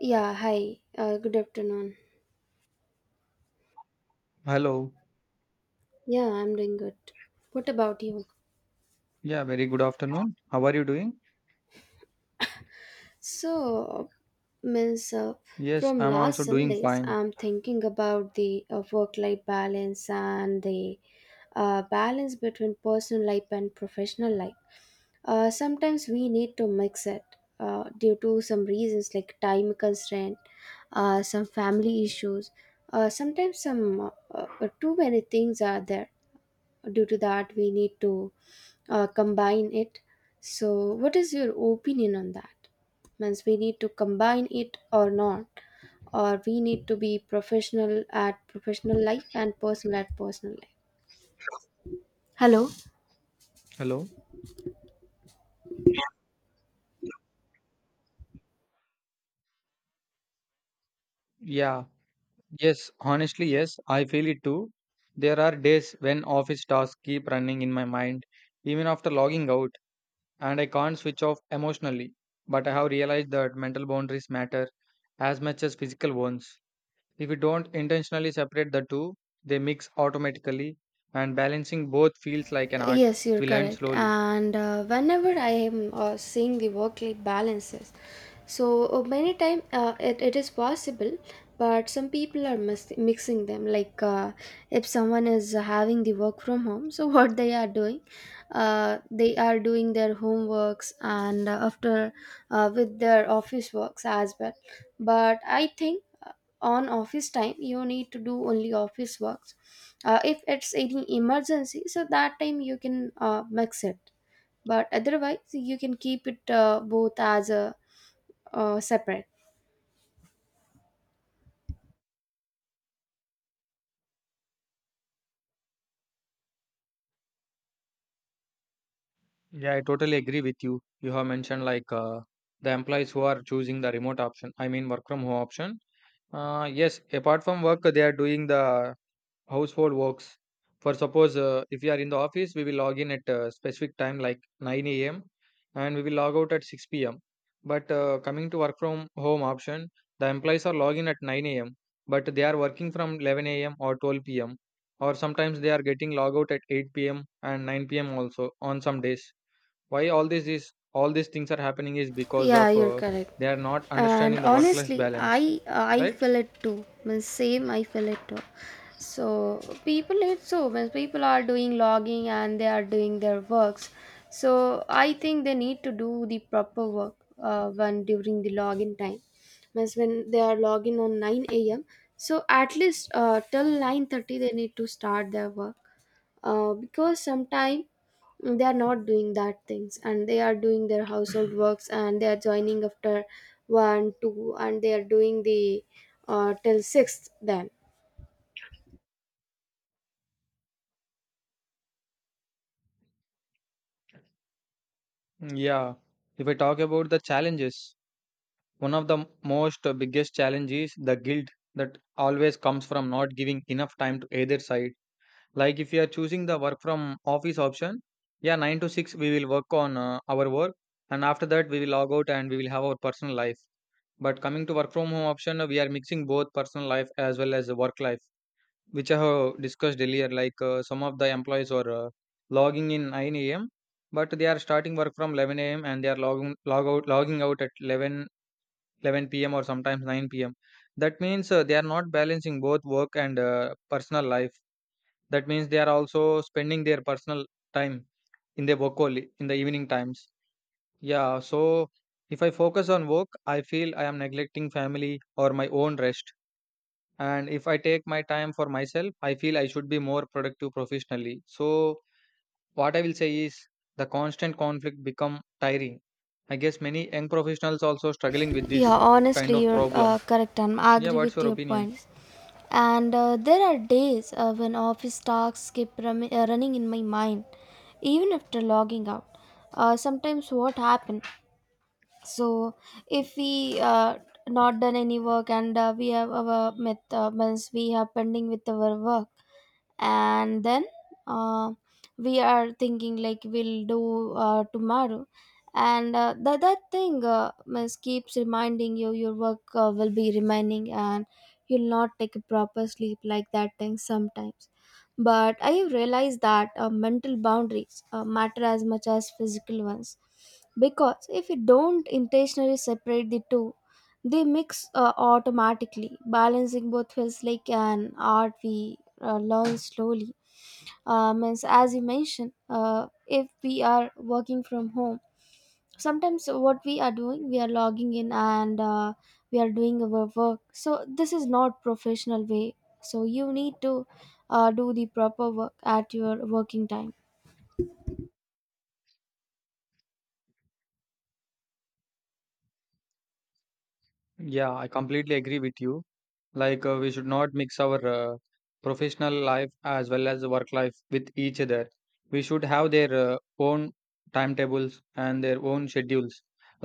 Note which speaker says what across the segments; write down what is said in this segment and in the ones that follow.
Speaker 1: Yeah, hi. Good afternoon.
Speaker 2: Hello.
Speaker 1: Yeah, I'm doing good. What about you?
Speaker 2: Yeah, very good afternoon. How are you doing?
Speaker 1: So, means
Speaker 2: Yes,
Speaker 1: From
Speaker 2: I'm also
Speaker 1: last some
Speaker 2: doing
Speaker 1: days,
Speaker 2: fine.
Speaker 1: I'm thinking about the work-life balance and the balance between personal life and professional life. Sometimes we need to mix it due to some reasons like time constraint, some family issues. Sometimes some Too many things are there due to that we need to combine it. So what is your opinion on that? Means we need to combine it or not, or we need to be professional at professional life and personal at personal life. Hello?
Speaker 2: Hello. Yeah. Yes, honestly, yes, I feel it too. There are days when office tasks keep running in my mind, even after logging out, and I can't switch off emotionally. But I have realized that mental boundaries matter as much as physical ones. If we don't intentionally separate the two, they mix automatically, and balancing both feels like an art
Speaker 1: Yes, you're
Speaker 2: we learn
Speaker 1: correct.
Speaker 2: slowly.
Speaker 1: And Whenever I am seeing the work-life balances, many time it is possible, but some people are mixing them. If someone is having the work from home, so what they are doing their homeworks and after with their office works as well. But I think on office time you need to do only office works. If it's any emergency, so that time you can mix it, but otherwise you can keep it both as a separate.
Speaker 2: Yeah, I totally agree with you. You have mentioned the employees who are choosing the remote option. I mean, work from home option. Yes, apart from work, they are doing the household works. For suppose if you are in the office, we will log in at a specific time like 9 a.m. and we will log out at 6 p.m. But coming to work from home option, the employees are logging at 9 a.m. but they are working from 11 a.m. or 12 p.m., or sometimes they are getting log out at 8 p.m. and 9 p.m. also on some days. Why all this is all these things are happening is because of
Speaker 1: Yeah, you're correct.
Speaker 2: they are not
Speaker 1: And
Speaker 2: understanding the work life
Speaker 1: honestly, I
Speaker 2: balance,
Speaker 1: I
Speaker 2: right?
Speaker 1: feel it too. Means same, I feel it too. So people it so means People are doing logging and they are doing their works. So I think they need to do the proper work when during the login time. Means when they are logging on nine a.m. So at least till 9:30 they need to start their work, because sometimes they are not doing that things and they are doing their household works and they are joining after one two and they are doing the till sixth then.
Speaker 2: Yeah. If I talk about the challenges, one of the most biggest challenge is the guilt that always comes from not giving enough time to either side. Like if you are choosing the work from office option, yeah, 9 to 6 we will work on our work, and after that we will log out and we will have our personal life. But coming to work from home option, we are mixing both personal life as well as the work life, which I have discussed earlier, some of the employees are logging in 9 a.m., but they are starting work from 11 a.m. and they are logging out at eleven p.m. or sometimes 9 p.m. That means they are not balancing both work and personal life. That means they are also spending their personal time in their work only in the evening times. Yeah, so if I focus on work, I feel I am neglecting family or my own rest, and if I take my time for myself, I feel I should be more productive professionally. So what I will say is the constant conflict become tiring. I guess many young professionals also struggling with this
Speaker 1: Yeah,
Speaker 2: kind
Speaker 1: honestly,
Speaker 2: of
Speaker 1: you're
Speaker 2: problem.
Speaker 1: correct, and I
Speaker 2: Yeah,
Speaker 1: agree
Speaker 2: what's
Speaker 1: with
Speaker 2: your
Speaker 1: your
Speaker 2: opinion?
Speaker 1: points. And there are days when office tasks keep running in my mind, even after logging out. Sometimes what happen? So if we not done any work and we have our met means we are pending with our work, and then uh, we are thinking like we'll do tomorrow, and that that thing means keeps reminding you your work will be remaining and you'll not take a proper sleep like that thing sometimes. But I have realized that mental boundaries matter as much as physical ones, because if you don't intentionally separate the two, they mix automatically. Balancing both feels like an art we learn slowly. Means As you mentioned, if we are working from home, sometimes what we are doing, we are logging in and we are doing our work. So this is not professional way. So you need to do the proper work at your working time.
Speaker 2: Yeah, I completely agree with you. We should not mix our professional life as well as work life with each other. We should have their own timetables and their own schedules.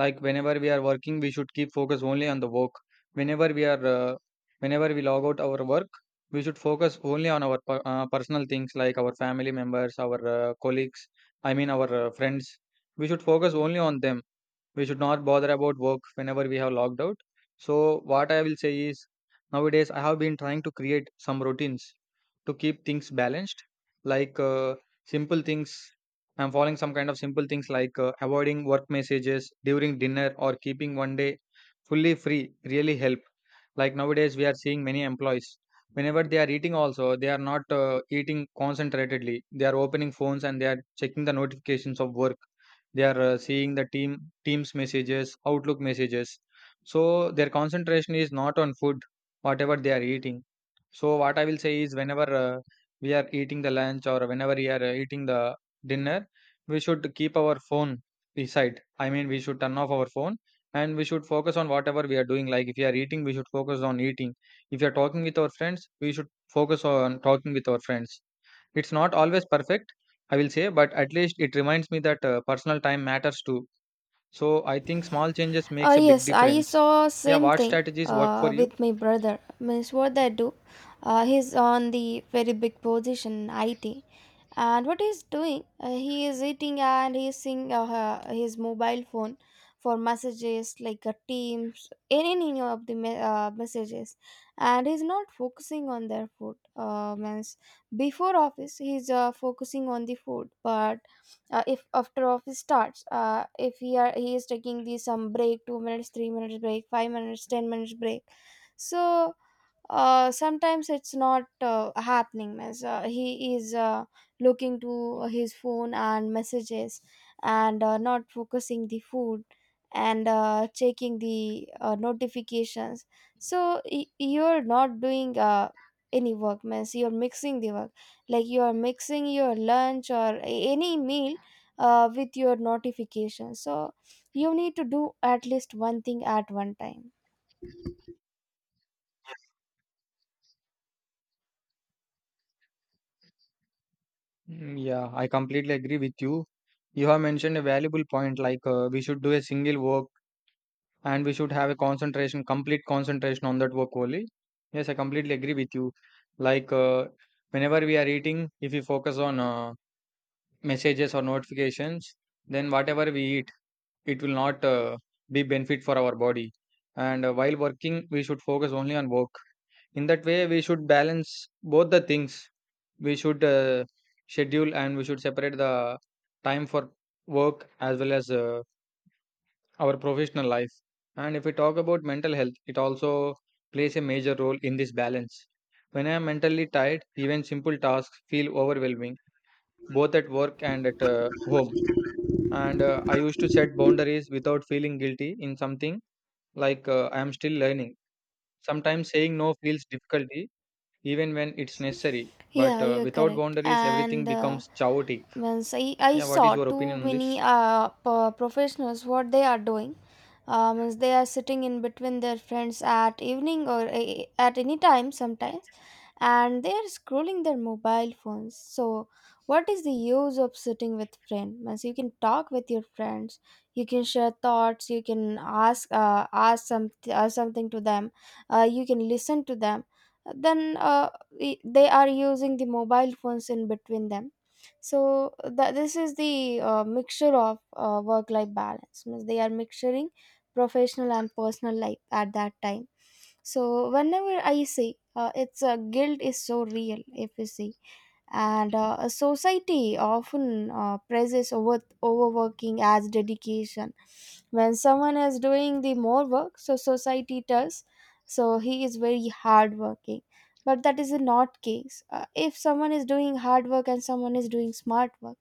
Speaker 2: Like whenever we are working, we should keep focus only on the work. Whenever we are, whenever we log out our work, we should focus only on our personal things like our family members, our colleagues. I mean our friends. We should focus only on them. We should not bother about work whenever we have logged out. So what I will say is nowadays I have been trying to create some routines to keep things balanced. like uh, Simple things. I'm following some kind of simple things avoiding work messages during dinner or keeping one day fully free really help. Like nowadays we are seeing many employees. Whenever they are eating also, they are not eating concentratedly. They are opening phones and they are checking the notifications of work. They are seeing the teams messages, outlook messages. So their concentration is not on food, whatever they are eating. So what I will say is whenever we are eating the lunch or whenever we are eating the dinner, we should keep our phone beside. I mean we should turn off our phone and we should focus on whatever we are doing. Like if we are eating, we should focus on eating. If we are talking with our friends, we should focus on talking with our friends. It's not always perfect, I will say, but at least it reminds me that personal time matters too. So I think small changes makes a big
Speaker 1: Yes, I
Speaker 2: difference.
Speaker 1: saw
Speaker 2: Yeah,
Speaker 1: same
Speaker 2: what
Speaker 1: thing
Speaker 2: strategies work for you?
Speaker 1: with my brother. Means what I do, he's on the very big position in IT. And what he's doing, he is eating and he's seeing his mobile phone for messages like teams, any of the messages, and he's not focusing on their food. Means Before office he's focusing on the food, but if after office starts, if he are he is taking the some break, 2 minutes, 3 minutes break, 5 minutes, 10 minutes break. So sometimes it's not happening as he is looking to his phone and messages, and not focusing the food, and checking the notifications. So you're not doing any work, means you're mixing the work, like you are mixing your lunch or any meal with your notifications. So you need to do at least one thing at one time.
Speaker 2: Yeah, I completely agree with you. You have mentioned a valuable point we should do a single work and we should have a concentration, complete concentration on that work only. Yes, I completely agree with you. Like uh, Whenever we are eating, if we focus on messages or notifications, then whatever we eat, it will not be benefit for our body. And while working, we should focus only on work. In that way we should balance both the things. We should schedule and we should separate the time for work as well as our professional life. And if we talk about mental health, it also plays a major role in this balance. When I am mentally tired, even simple tasks feel overwhelming, both at work and at home. And I used to set boundaries without feeling guilty in something. I am still learning. Sometimes saying no feels difficulty, even when it's necessary. But
Speaker 1: Yeah, you're
Speaker 2: without
Speaker 1: correct.
Speaker 2: boundaries, everything
Speaker 1: And uh,
Speaker 2: becomes chaotic.
Speaker 1: means I, I
Speaker 2: Yeah, what is
Speaker 1: saw
Speaker 2: your
Speaker 1: too
Speaker 2: opinion on
Speaker 1: many
Speaker 2: this?
Speaker 1: professionals what they are doing. Means they are sitting in between their friends at evening or at any time sometimes, and they are scrolling their mobile phones. So what is the use of sitting with friends? Means you can talk with your friends, you can share thoughts, you can ask some something to them, you can listen to them. then uh, they are using the mobile phones in between them. So this is the mixture of work life balance, means they are mixturing professional and personal life at that time. So whenever I see, it's guilt is so real if you see. And a society often praises over overworking as dedication. When someone is doing the more work, so society tells so he is very hardworking, but that is not case. If someone is doing hard work and someone is doing smart work,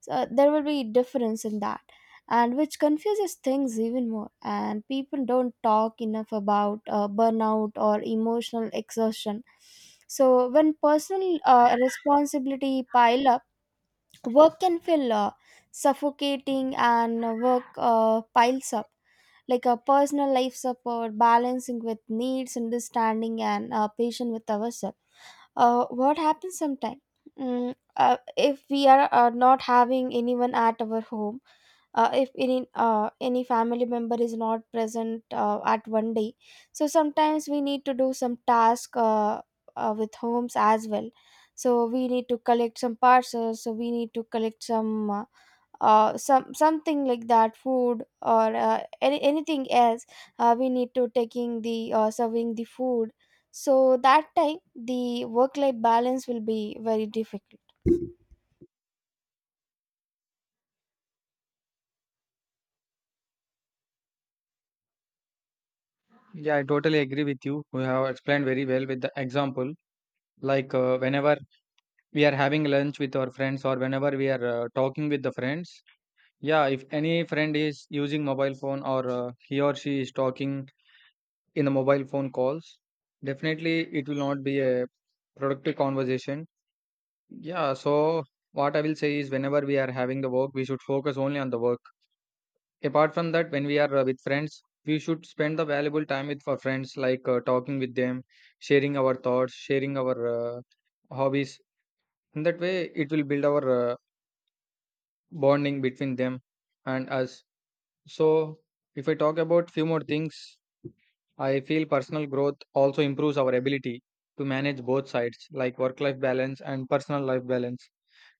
Speaker 1: so there will be difference in that, and which confuses things even more, and people don't talk enough about burnout or emotional exhaustion. So when personal responsibility pile up, work can feel suffocating, and work piles up like a personal life support, balancing with needs, understanding and patient with ourselves. What happens sometimes mm, If we are not having anyone at our home, if any any family member is not present at one day, so sometimes we need to do some task, with homes as well. So we need to collect some parcels, so we need to collect some something like that food or anything else. We need to taking the serving the food. So that time the work life balance will be very difficult.
Speaker 2: Yeah, I totally agree with you. You have explained very well with the example. Whenever we are having lunch with our friends, or whenever we are talking with the friends, yeah, if any friend is using mobile phone or he or she is talking in the mobile phone calls, definitely it will not be a productive conversation. Yeah, so what I will say is whenever we are having the work, we should focus only on the work. Apart from that, when we are with friends, we should spend the valuable time with our friends, like talking with them, sharing our thoughts, sharing our hobbies. In that way, it will build our bonding between them and us. So, if I talk about few more things, I feel personal growth also improves our ability to manage both sides, like work-life balance and personal life balance.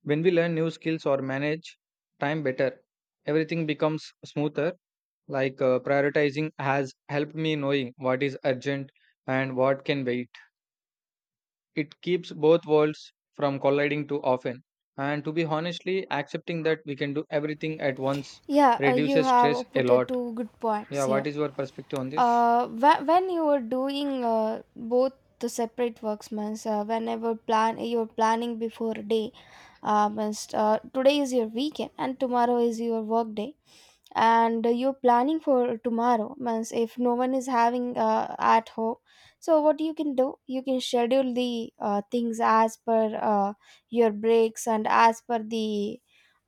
Speaker 2: When we learn new skills or manage time better, everything becomes smoother. Prioritizing has helped me knowing what is urgent and what can wait. It keeps both worlds from colliding too often. And to be honestly, accepting that we can do everything at once
Speaker 1: Yeah, you
Speaker 2: reduces stress
Speaker 1: have
Speaker 2: a
Speaker 1: put
Speaker 2: lot.
Speaker 1: two good points
Speaker 2: Yeah, what
Speaker 1: here.
Speaker 2: is your perspective on this?
Speaker 1: When you were doing both the separate works, means whenever plan you're planning before a day, means today is your weekend and tomorrow is your work day, and you're planning for tomorrow. Means if no one is having at home, so what you can do, you can schedule the things as per your breaks and as per the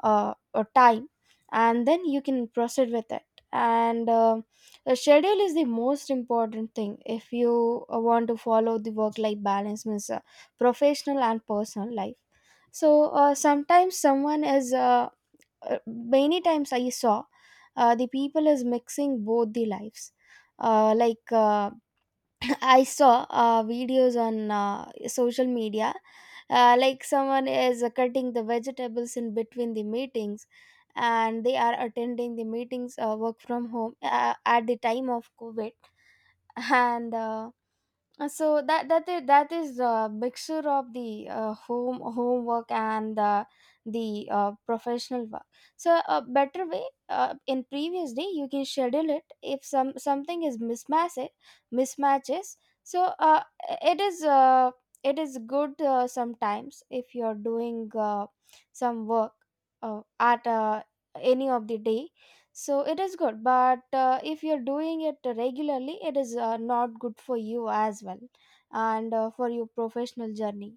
Speaker 1: time, and then you can proceed with it. And The schedule is the most important thing if you want to follow the work life balance, means professional and personal life. So sometimes someone is many times I saw the people is mixing both the lives. uh, like uh, I saw videos on social media, like someone is cutting the vegetables in between the meetings, and they are attending the meetings work from home at the time of covid. and So that is a mixture of the home homework and the professional work. So a better way, in previous day you can schedule it if some something is mismatched, mismatches. So it is uh, it is good sometimes if you are doing some work at any of the day. So it is good, but if you're doing it regularly it is not good for you as well, and for your professional journey.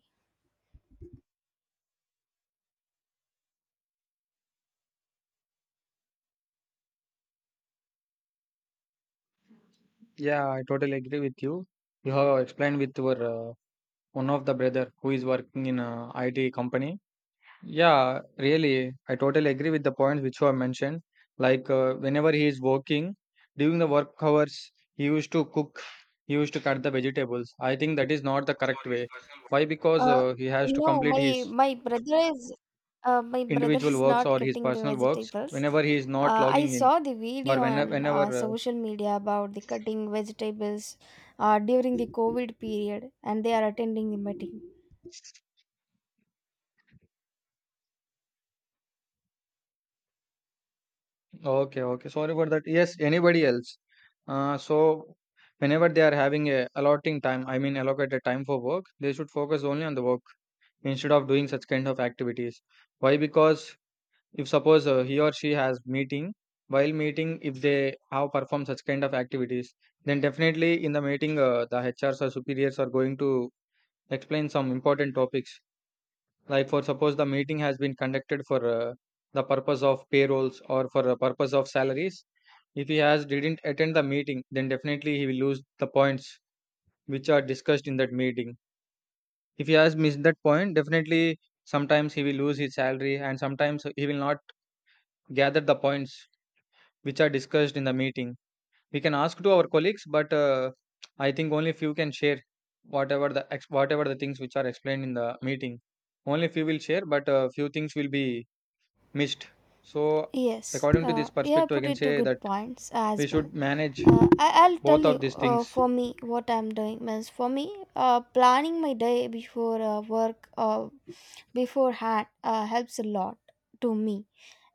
Speaker 2: Yeah, I totally agree with you. You have explained with your uh, one of the brother who is working in a IT company. Yeah, really, I totally agree with the points which you have mentioned. Whenever he is working during the work hours, he used to cook, he used to cut the vegetables. I think that is not the correct way. Why? Because
Speaker 1: uh,
Speaker 2: he has to
Speaker 1: no
Speaker 2: complete
Speaker 1: my
Speaker 2: his
Speaker 1: my brother is my brother
Speaker 2: individual
Speaker 1: is
Speaker 2: works
Speaker 1: not
Speaker 2: or his
Speaker 1: cutting the
Speaker 2: personal works
Speaker 1: vegetables.
Speaker 2: whenever he is not
Speaker 1: I
Speaker 2: logging in
Speaker 1: saw the
Speaker 2: or
Speaker 1: video on
Speaker 2: whenever, whenever.
Speaker 1: social media about the cutting vegetables during the covid period, and they are attending the meeting.
Speaker 2: Okay, okay. Sorry for that. Yes, anybody else. So whenever they are having a allotting time, I mean allocated time for work, they should focus only on the work instead of doing such kind of activities. Why? Because if suppose he or she has meeting, while meeting, if they have performed such kind of activities, then definitely in the meeting, the hrs or superiors are going to explain some important topics. Like for suppose the meeting has been conducted for the purpose of payrolls or for the purpose of salaries, if he has didn't attend the meeting, then definitely he will lose the points which are discussed in that meeting. If he has missed that point, definitely sometimes he will lose his salary, and sometimes he will not gather the points which are discussed in the meeting. We can ask to our colleagues, but I think only few can share whatever whatever the things which are explained in the meeting. Only few will share, but few things will be missed. So
Speaker 1: Yes,
Speaker 2: according to this
Speaker 1: you have
Speaker 2: perspective, I
Speaker 1: put
Speaker 2: can
Speaker 1: it to
Speaker 2: say
Speaker 1: good
Speaker 2: that
Speaker 1: points
Speaker 2: we
Speaker 1: as well.
Speaker 2: should manage
Speaker 1: I'll tell
Speaker 2: both
Speaker 1: you
Speaker 2: of these things.
Speaker 1: for me what I'm doing. Means for me, planning my day before work beforehand helps a lot to me.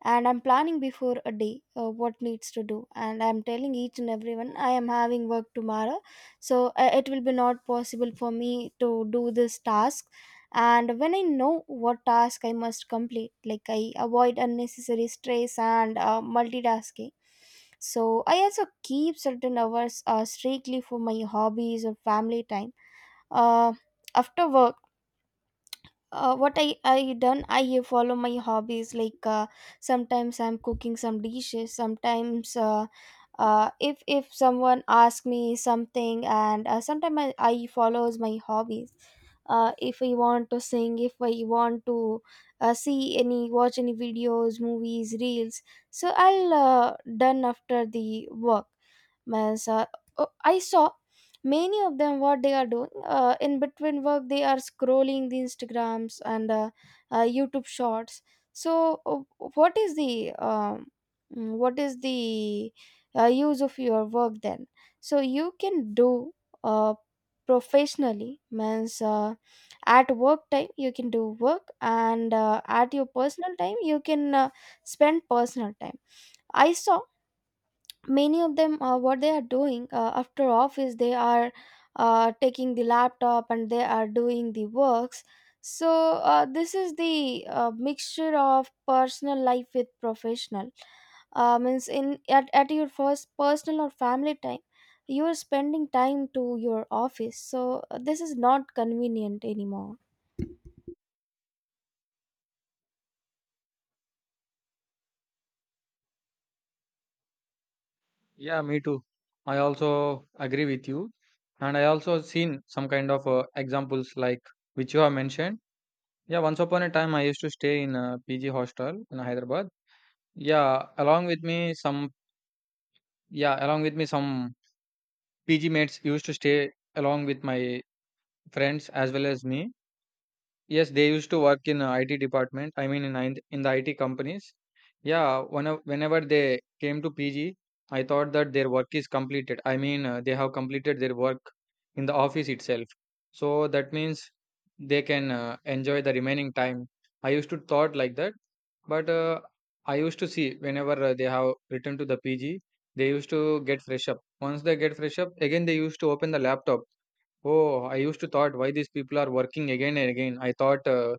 Speaker 1: And I'm planning before a day what needs to do, and I'm telling each and everyone I am having work tomorrow, so it will be not possible for me to do this task. And when I know what task I must complete, like I avoid unnecessary stress and multitasking. So I also keep certain hours strictly for my hobbies or family time uh, after work. What I done, I follow my hobbies, like sometimes I'm cooking some dishes, sometimes if someone asks me something, and sometimes I follows my hobbies. If I want to sing, if I want to see any, watch any videos, movies, reels, so I'll done after the work. Means, oh, I saw many of them, what they are doing in between work they are scrolling the Instagrams and YouTube shorts. So what is the what is the use of your work then? So you can do uh, professionally. Means at work time you can do work, and at your personal time you can spend personal time. I saw many of them what they are doing after office. They are taking the laptop and they are doing the works. So this is the mixture of personal life with professional. Means in, at your first personal or family time you are spending time to your office, so this is not convenient anymore.
Speaker 2: Yeah, me too. I also agree with you. And I also seen some kind of examples like which you have mentioned. Yeah, once upon a time I used to stay in a PG hostel in Hyderabad. Yeah, along with me some yeah, along with me some PG mates used to stay along with my friends as well as me. Yes, they used to work in IT department. I mean, in the IT companies. Yeah, whenever they came to PG, I thought that their work is completed. I mean, they have completed their work in the office itself. So that means they can enjoy the remaining time. I used to thought like that, but I used to see whenever they have returned to the PG, they used to get fresh up. Once they get fresh up, again they used to open the laptop. Oh, I used to thought why these people are working again and again. I thought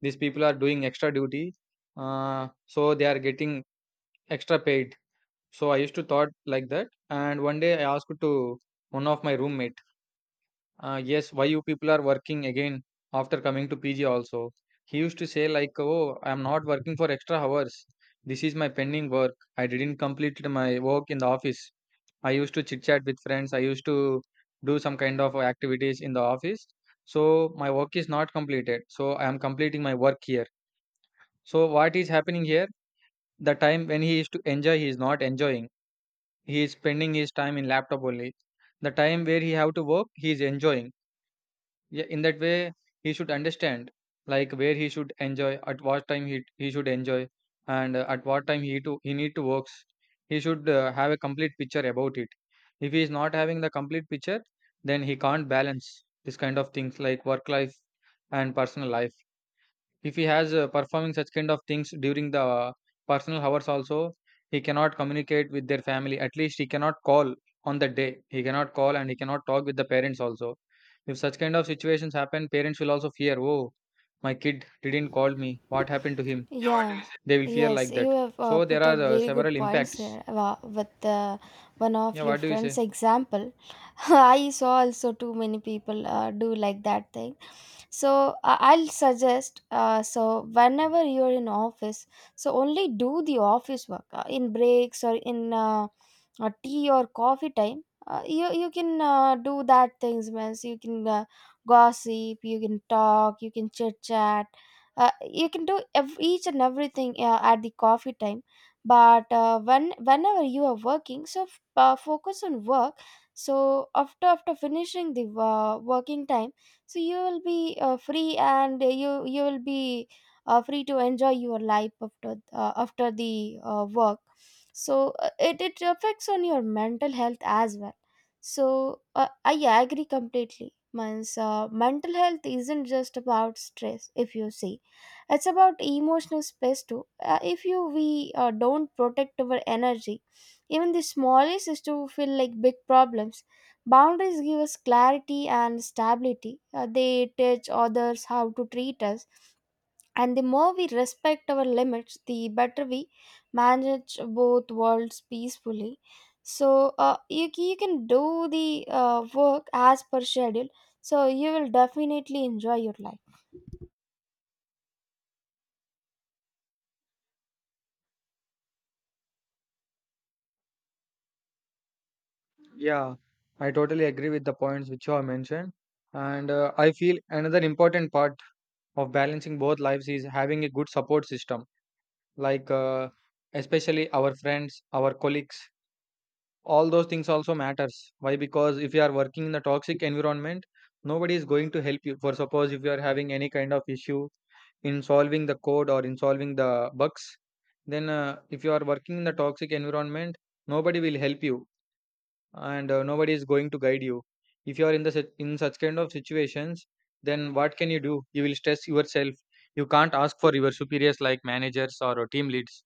Speaker 2: these people are doing extra duty, so they are getting extra paid. So I used to thought like that. And one day I asked to one of my roommate, yes, why you people are working again after coming to PG also. He used to say like, oh, I am not working for extra hours. This is my pending work. I didn't complete my work in the office. I used to chit chat with friends. I used to do some kind of activities in the office. So my work is not completed. So I am completing my work here. So what is happening here? The time when he is to enjoy, he is not enjoying. He is spending his time in laptop only. The time where he have to work, he is enjoying. Yeah, in that way, he should understand like where he should enjoy, at what time he should enjoy, and at what time he need to works. He should have a complete picture about it. If he is not having the complete picture, then he can't balance this kind of things like work life and personal life. If he has performing such kind of things during the personal hours also, he cannot communicate with their family. At least he cannot call on the day. He cannot call and he cannot talk with the parents also. If such kind of situations happen, parents will also fear, oh, my kid didn't call me. What happened to him?
Speaker 1: Yeah.
Speaker 2: They will fear
Speaker 1: Yes,
Speaker 2: like that.
Speaker 1: you have
Speaker 2: So there
Speaker 1: put out
Speaker 2: are
Speaker 1: very good
Speaker 2: several
Speaker 1: points
Speaker 2: impacts.
Speaker 1: here, with one of
Speaker 2: Yeah,
Speaker 1: your
Speaker 2: what do you
Speaker 1: friends
Speaker 2: say?
Speaker 1: example. I saw also too many people do like that thing. So I'll suggest so whenever you're in office, so only do the office work in breaks or in tea or coffee time. You you can do that things. Means you can gossip, you can talk, you can chit chat. You can do each and everything at the coffee time. But when whenever you are working, so focus on work. So after finishing the working time, so you will be free, and you will be free to enjoy your life after after the work. So it affects on your mental health as well. So I yeah, I agree completely. Means mental health isn't just about stress, if you see. It's about emotional space too. If you we don't protect our energy, even the smallest is to feel like big problems. Boundaries give us clarity and stability. They teach others how to treat us. And the more we respect our limits, the better we manage both worlds peacefully. So you can do the work as per schedule. So you will definitely enjoy your life.
Speaker 2: Yeah, I totally agree with the points which you have mentioned. And I feel another important part of balancing both lives is having a good support system, like especially our friends, our colleagues. All those things also matters. Why? Because if you are working in a toxic environment, nobody is going to help you. For suppose, if you are having any kind of issue in solving the code or in solving the bugs, then if you are working in the toxic environment, nobody will help you, and nobody is going to guide you. If you are in the in such kind of situations, then what can you do? You will stress yourself. You can't ask for your superiors like managers or team leads.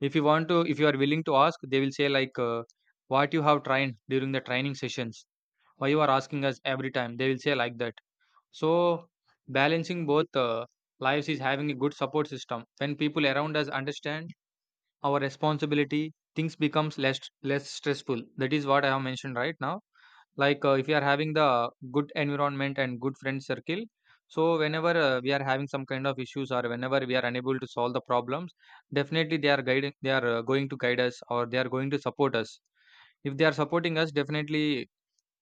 Speaker 2: If you are willing to ask, they will say like, "What you have trained during the training sessions? Why you are asking us every time?" They will say like that. So balancing both lives is having a good support system. When people around us understand our responsibility, things becomes less stressful. That is what I have mentioned right now. Like if you are having the good environment and good friend circle, so whenever we are having some kind of issues or whenever we are unable to solve the problems, definitely they are going to guide us, or they are going to support us. If they are supporting us, definitely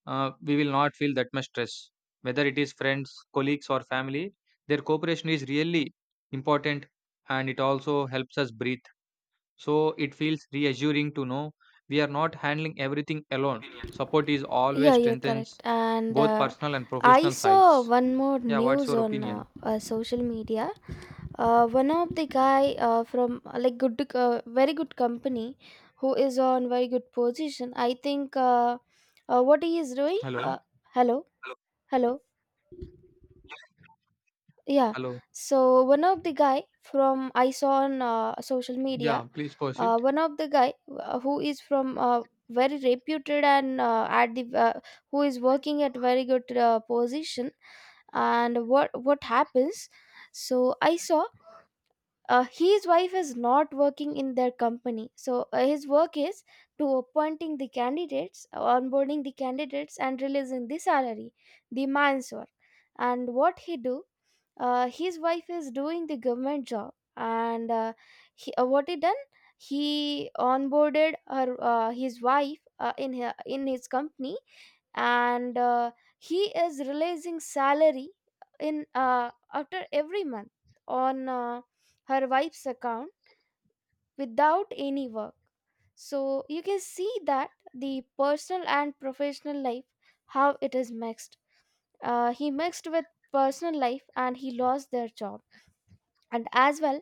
Speaker 2: we will not feel that much stress. Whether it is friends, colleagues, or family, their cooperation is really important, and it also helps us breathe. So it feels reassuring to know we are not handling everything alone. Support is
Speaker 1: Yeah,
Speaker 2: always
Speaker 1: you're correct.
Speaker 2: strengthens
Speaker 1: And
Speaker 2: both personal and
Speaker 1: I
Speaker 2: professional
Speaker 1: saw
Speaker 2: sides.
Speaker 1: one more
Speaker 2: Yeah, what's
Speaker 1: news
Speaker 2: your
Speaker 1: on
Speaker 2: opinion?
Speaker 1: social media. One of the guy from like good very good company, who is on very good position, I think. What he is doing
Speaker 2: Hello.
Speaker 1: hello, hello, yeah.
Speaker 2: Hello.
Speaker 1: So one of the guy from, I saw on social media,
Speaker 2: Yeah, please proceed.
Speaker 1: one of the guy who is from very reputed and at the who is working at very good position. And what happens, so I saw his wife is not working in their company. So his work is to appointing the candidates, onboarding the candidates, and releasing the salary, the man's work. And what he do, his wife is doing the government job, and he, what he done, he onboarded her, his wife, in her, in his company. And he is releasing salary in after every month on her wife's account without any work. So you can see that the personal and professional life, how it is mixed. He mixed with personal life and he lost their job and as well.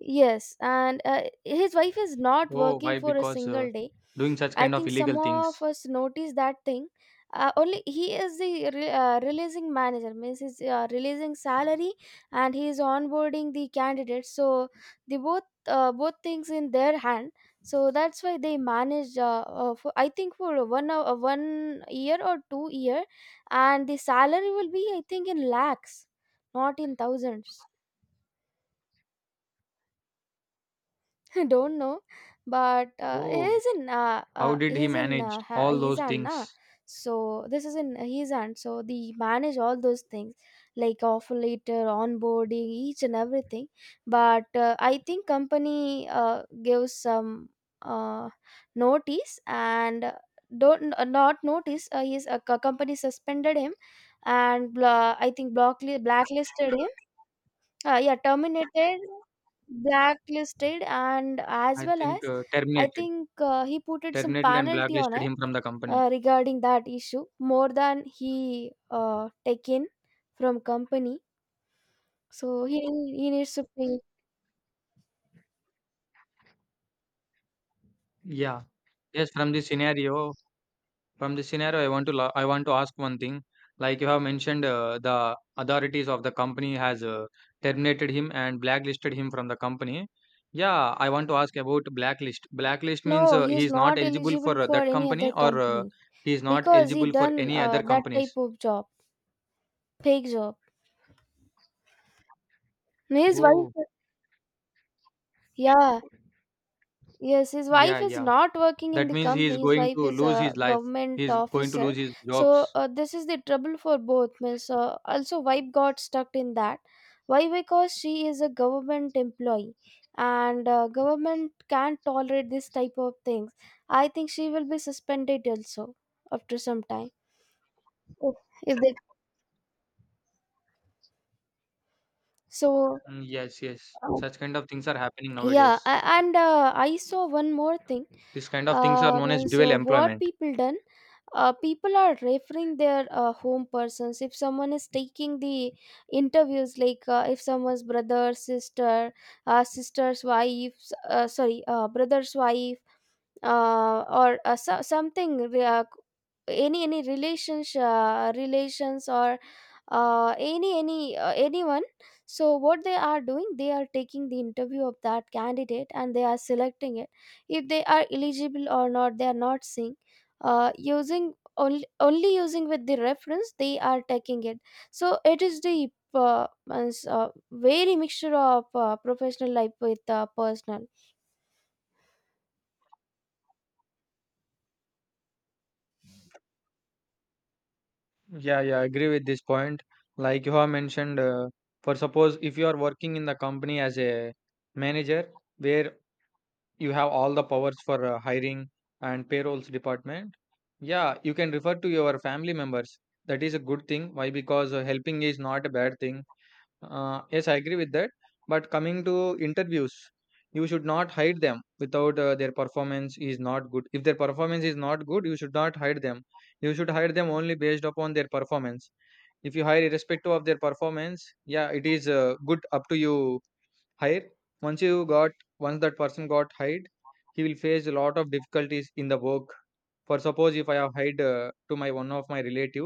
Speaker 1: Yes, and his wife is not
Speaker 2: Oh,
Speaker 1: working
Speaker 2: why?
Speaker 1: for a
Speaker 2: Because
Speaker 1: single day.
Speaker 2: doing such
Speaker 1: I
Speaker 2: kind of
Speaker 1: think some
Speaker 2: illegal
Speaker 1: of
Speaker 2: things.
Speaker 1: us notice that thing. Only he is the releasing manager. Means he's releasing salary and he is onboarding the candidates. So the both both things in their hand. So that's why they manage. For, I think for one 1 year or 2 year, and the salary will be, I think, in lakhs, not in thousands. Don't know, but
Speaker 2: Oh,
Speaker 1: he's in
Speaker 2: how did he
Speaker 1: he's in
Speaker 2: manage all
Speaker 1: he's
Speaker 2: those
Speaker 1: Anna.
Speaker 2: things?
Speaker 1: So this is in he's aunt. So they manage all those things, like offer later onboarding, each and everything. But I think company gives some uh, notice and don't not notice. His company suspended him and bla I think blacklisted him, yeah, terminated, blacklisted, and as
Speaker 2: I
Speaker 1: well
Speaker 2: think
Speaker 1: as, I
Speaker 2: terminated,
Speaker 1: think he put it some
Speaker 2: terminated and
Speaker 1: penalty on
Speaker 2: blacklisted
Speaker 1: it
Speaker 2: him from the company.
Speaker 1: regarding that issue more than he taken from company. So he needs to pay.
Speaker 2: Yeah. Yes, from this scenario, I want to ask one thing. Like you have mentioned, the authorities of the company has terminated him and blacklisted him from the company. Yeah, I want to ask about blacklist. Blacklist means
Speaker 1: No,
Speaker 2: he
Speaker 1: he's
Speaker 2: is not
Speaker 1: not
Speaker 2: eligible
Speaker 1: eligible
Speaker 2: for
Speaker 1: for
Speaker 2: that
Speaker 1: any
Speaker 2: company,
Speaker 1: other
Speaker 2: or
Speaker 1: company
Speaker 2: he is not
Speaker 1: because he
Speaker 2: eligible for
Speaker 1: done
Speaker 2: any other
Speaker 1: that type
Speaker 2: companies.
Speaker 1: of job, fake job. His
Speaker 2: Oh,
Speaker 1: wife, yeah. Yes, his wife
Speaker 2: yeah,
Speaker 1: is
Speaker 2: yeah.
Speaker 1: not working in
Speaker 2: That
Speaker 1: the
Speaker 2: means he is
Speaker 1: company. His
Speaker 2: going
Speaker 1: wife
Speaker 2: to
Speaker 1: is
Speaker 2: lose
Speaker 1: a
Speaker 2: his life.
Speaker 1: government
Speaker 2: He is going to
Speaker 1: officer.
Speaker 2: lose his
Speaker 1: So
Speaker 2: jobs.
Speaker 1: this is the trouble for both. Means also wife got stuck in that. Why? Because she is a government employee, and government can't tolerate this type of things. I think she will be suspended also after some time. Oh, if they. So
Speaker 2: Mm, yes, yes. Such kind of things are happening
Speaker 1: yeah,
Speaker 2: nowadays.
Speaker 1: and I saw one more thing.
Speaker 2: These kind of things are known as
Speaker 1: And
Speaker 2: dual
Speaker 1: so what
Speaker 2: employment.
Speaker 1: people done, people are referring their home persons. If someone is taking the interviews, like if someone's brother, sister, sister's wife, sorry, brother's wife, or so, something, any relations, relations or any anyone. So what they are doing, they are taking the interview of that candidate and they are selecting it. If they are eligible or not, they are not seeing. Using only, only using with the reference, they are taking it. So it is the means, very mixture of professional life with personal.
Speaker 2: Yeah, yeah, I agree with this point. Like you have mentioned, for suppose, if you are working in the company as a manager where you have all the powers for hiring and payrolls department, yeah, you can refer to your family members. That is a good thing. Why? Because helping is not a bad thing. Yes, I agree with that. But coming to interviews, you should not hide them without their performance is not good. If their performance is not good, you should not hide them. You should hide them only based upon their performance. If you hire irrespective of their performance, yeah, it is good up to you hire. Once once that person got hired, he will face a lot of difficulties in the work. For suppose, if I have hired to my one of my relative,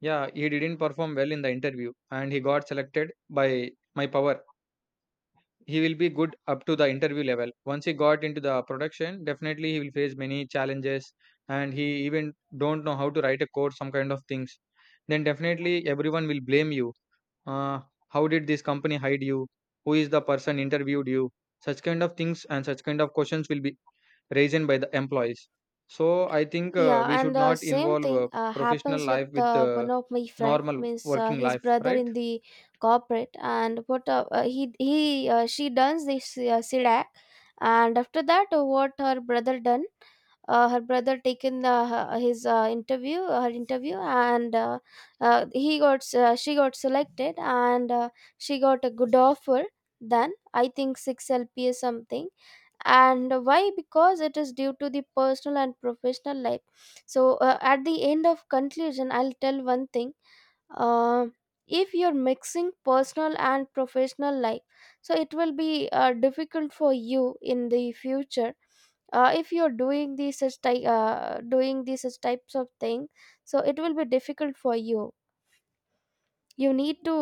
Speaker 2: yeah, he didn't perform well in the interview and he got selected by my power. He will be good up to the interview level. Once he got into the production, definitely he will face many challenges, and he even don't know how to write a code, some kind of things. Then definitely everyone will blame you. Uh, how did this company hide you? Who is the person interviewed you? Such kind of things and such kind of questions will be raised by the employees. So I think
Speaker 1: Yeah,
Speaker 2: we
Speaker 1: and
Speaker 2: should
Speaker 1: the
Speaker 2: not
Speaker 1: same
Speaker 2: involve
Speaker 1: thing
Speaker 2: professional
Speaker 1: happens with
Speaker 2: life with
Speaker 1: one of my friend.
Speaker 2: normal
Speaker 1: Means
Speaker 2: working
Speaker 1: his
Speaker 2: life,
Speaker 1: brother
Speaker 2: right?
Speaker 1: in the corporate, and what he she does this SIDAC, and after that, what her brother done, her brother taken her- his interview, her interview, and he got she got selected, and she got a good offer. Then I think 6 LPA something. And why? Because it is due to the personal and professional life. So at the end of conclusion, I'll tell one thing. uh, if you're mixing personal and professional life, so it will be difficult for you in the future. If you're doing these doing these such types of thing, so it will be difficult for you. You need to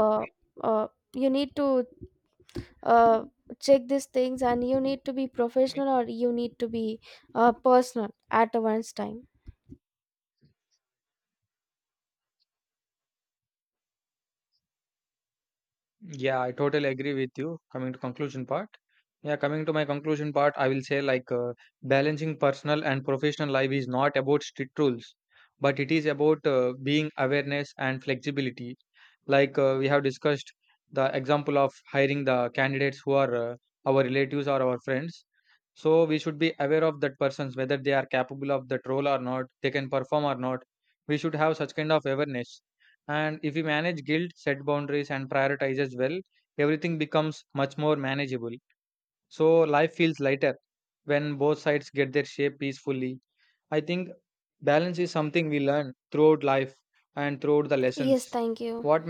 Speaker 1: uh, uh, you need to uh, check these things, and you need to be professional or you need to be personal at once time.
Speaker 2: Yeah, I totally agree with you. Coming to conclusion part. Yeah, coming to my conclusion part, I will say like balancing personal and professional life is not about strict rules, but it is about being awareness and flexibility. Like we have discussed the example of hiring the candidates who are our relatives or our friends. So we should be aware of that persons whether they are capable of that role or not, they can perform or not. We should have such kind of awareness. And if we manage guilt, set boundaries, and prioritizes well, everything becomes much more manageable. So life feels lighter when both sides get their shape peacefully. I think balance is something we learn throughout life and throughout the
Speaker 1: Yes,
Speaker 2: lessons.
Speaker 1: thank you.
Speaker 2: What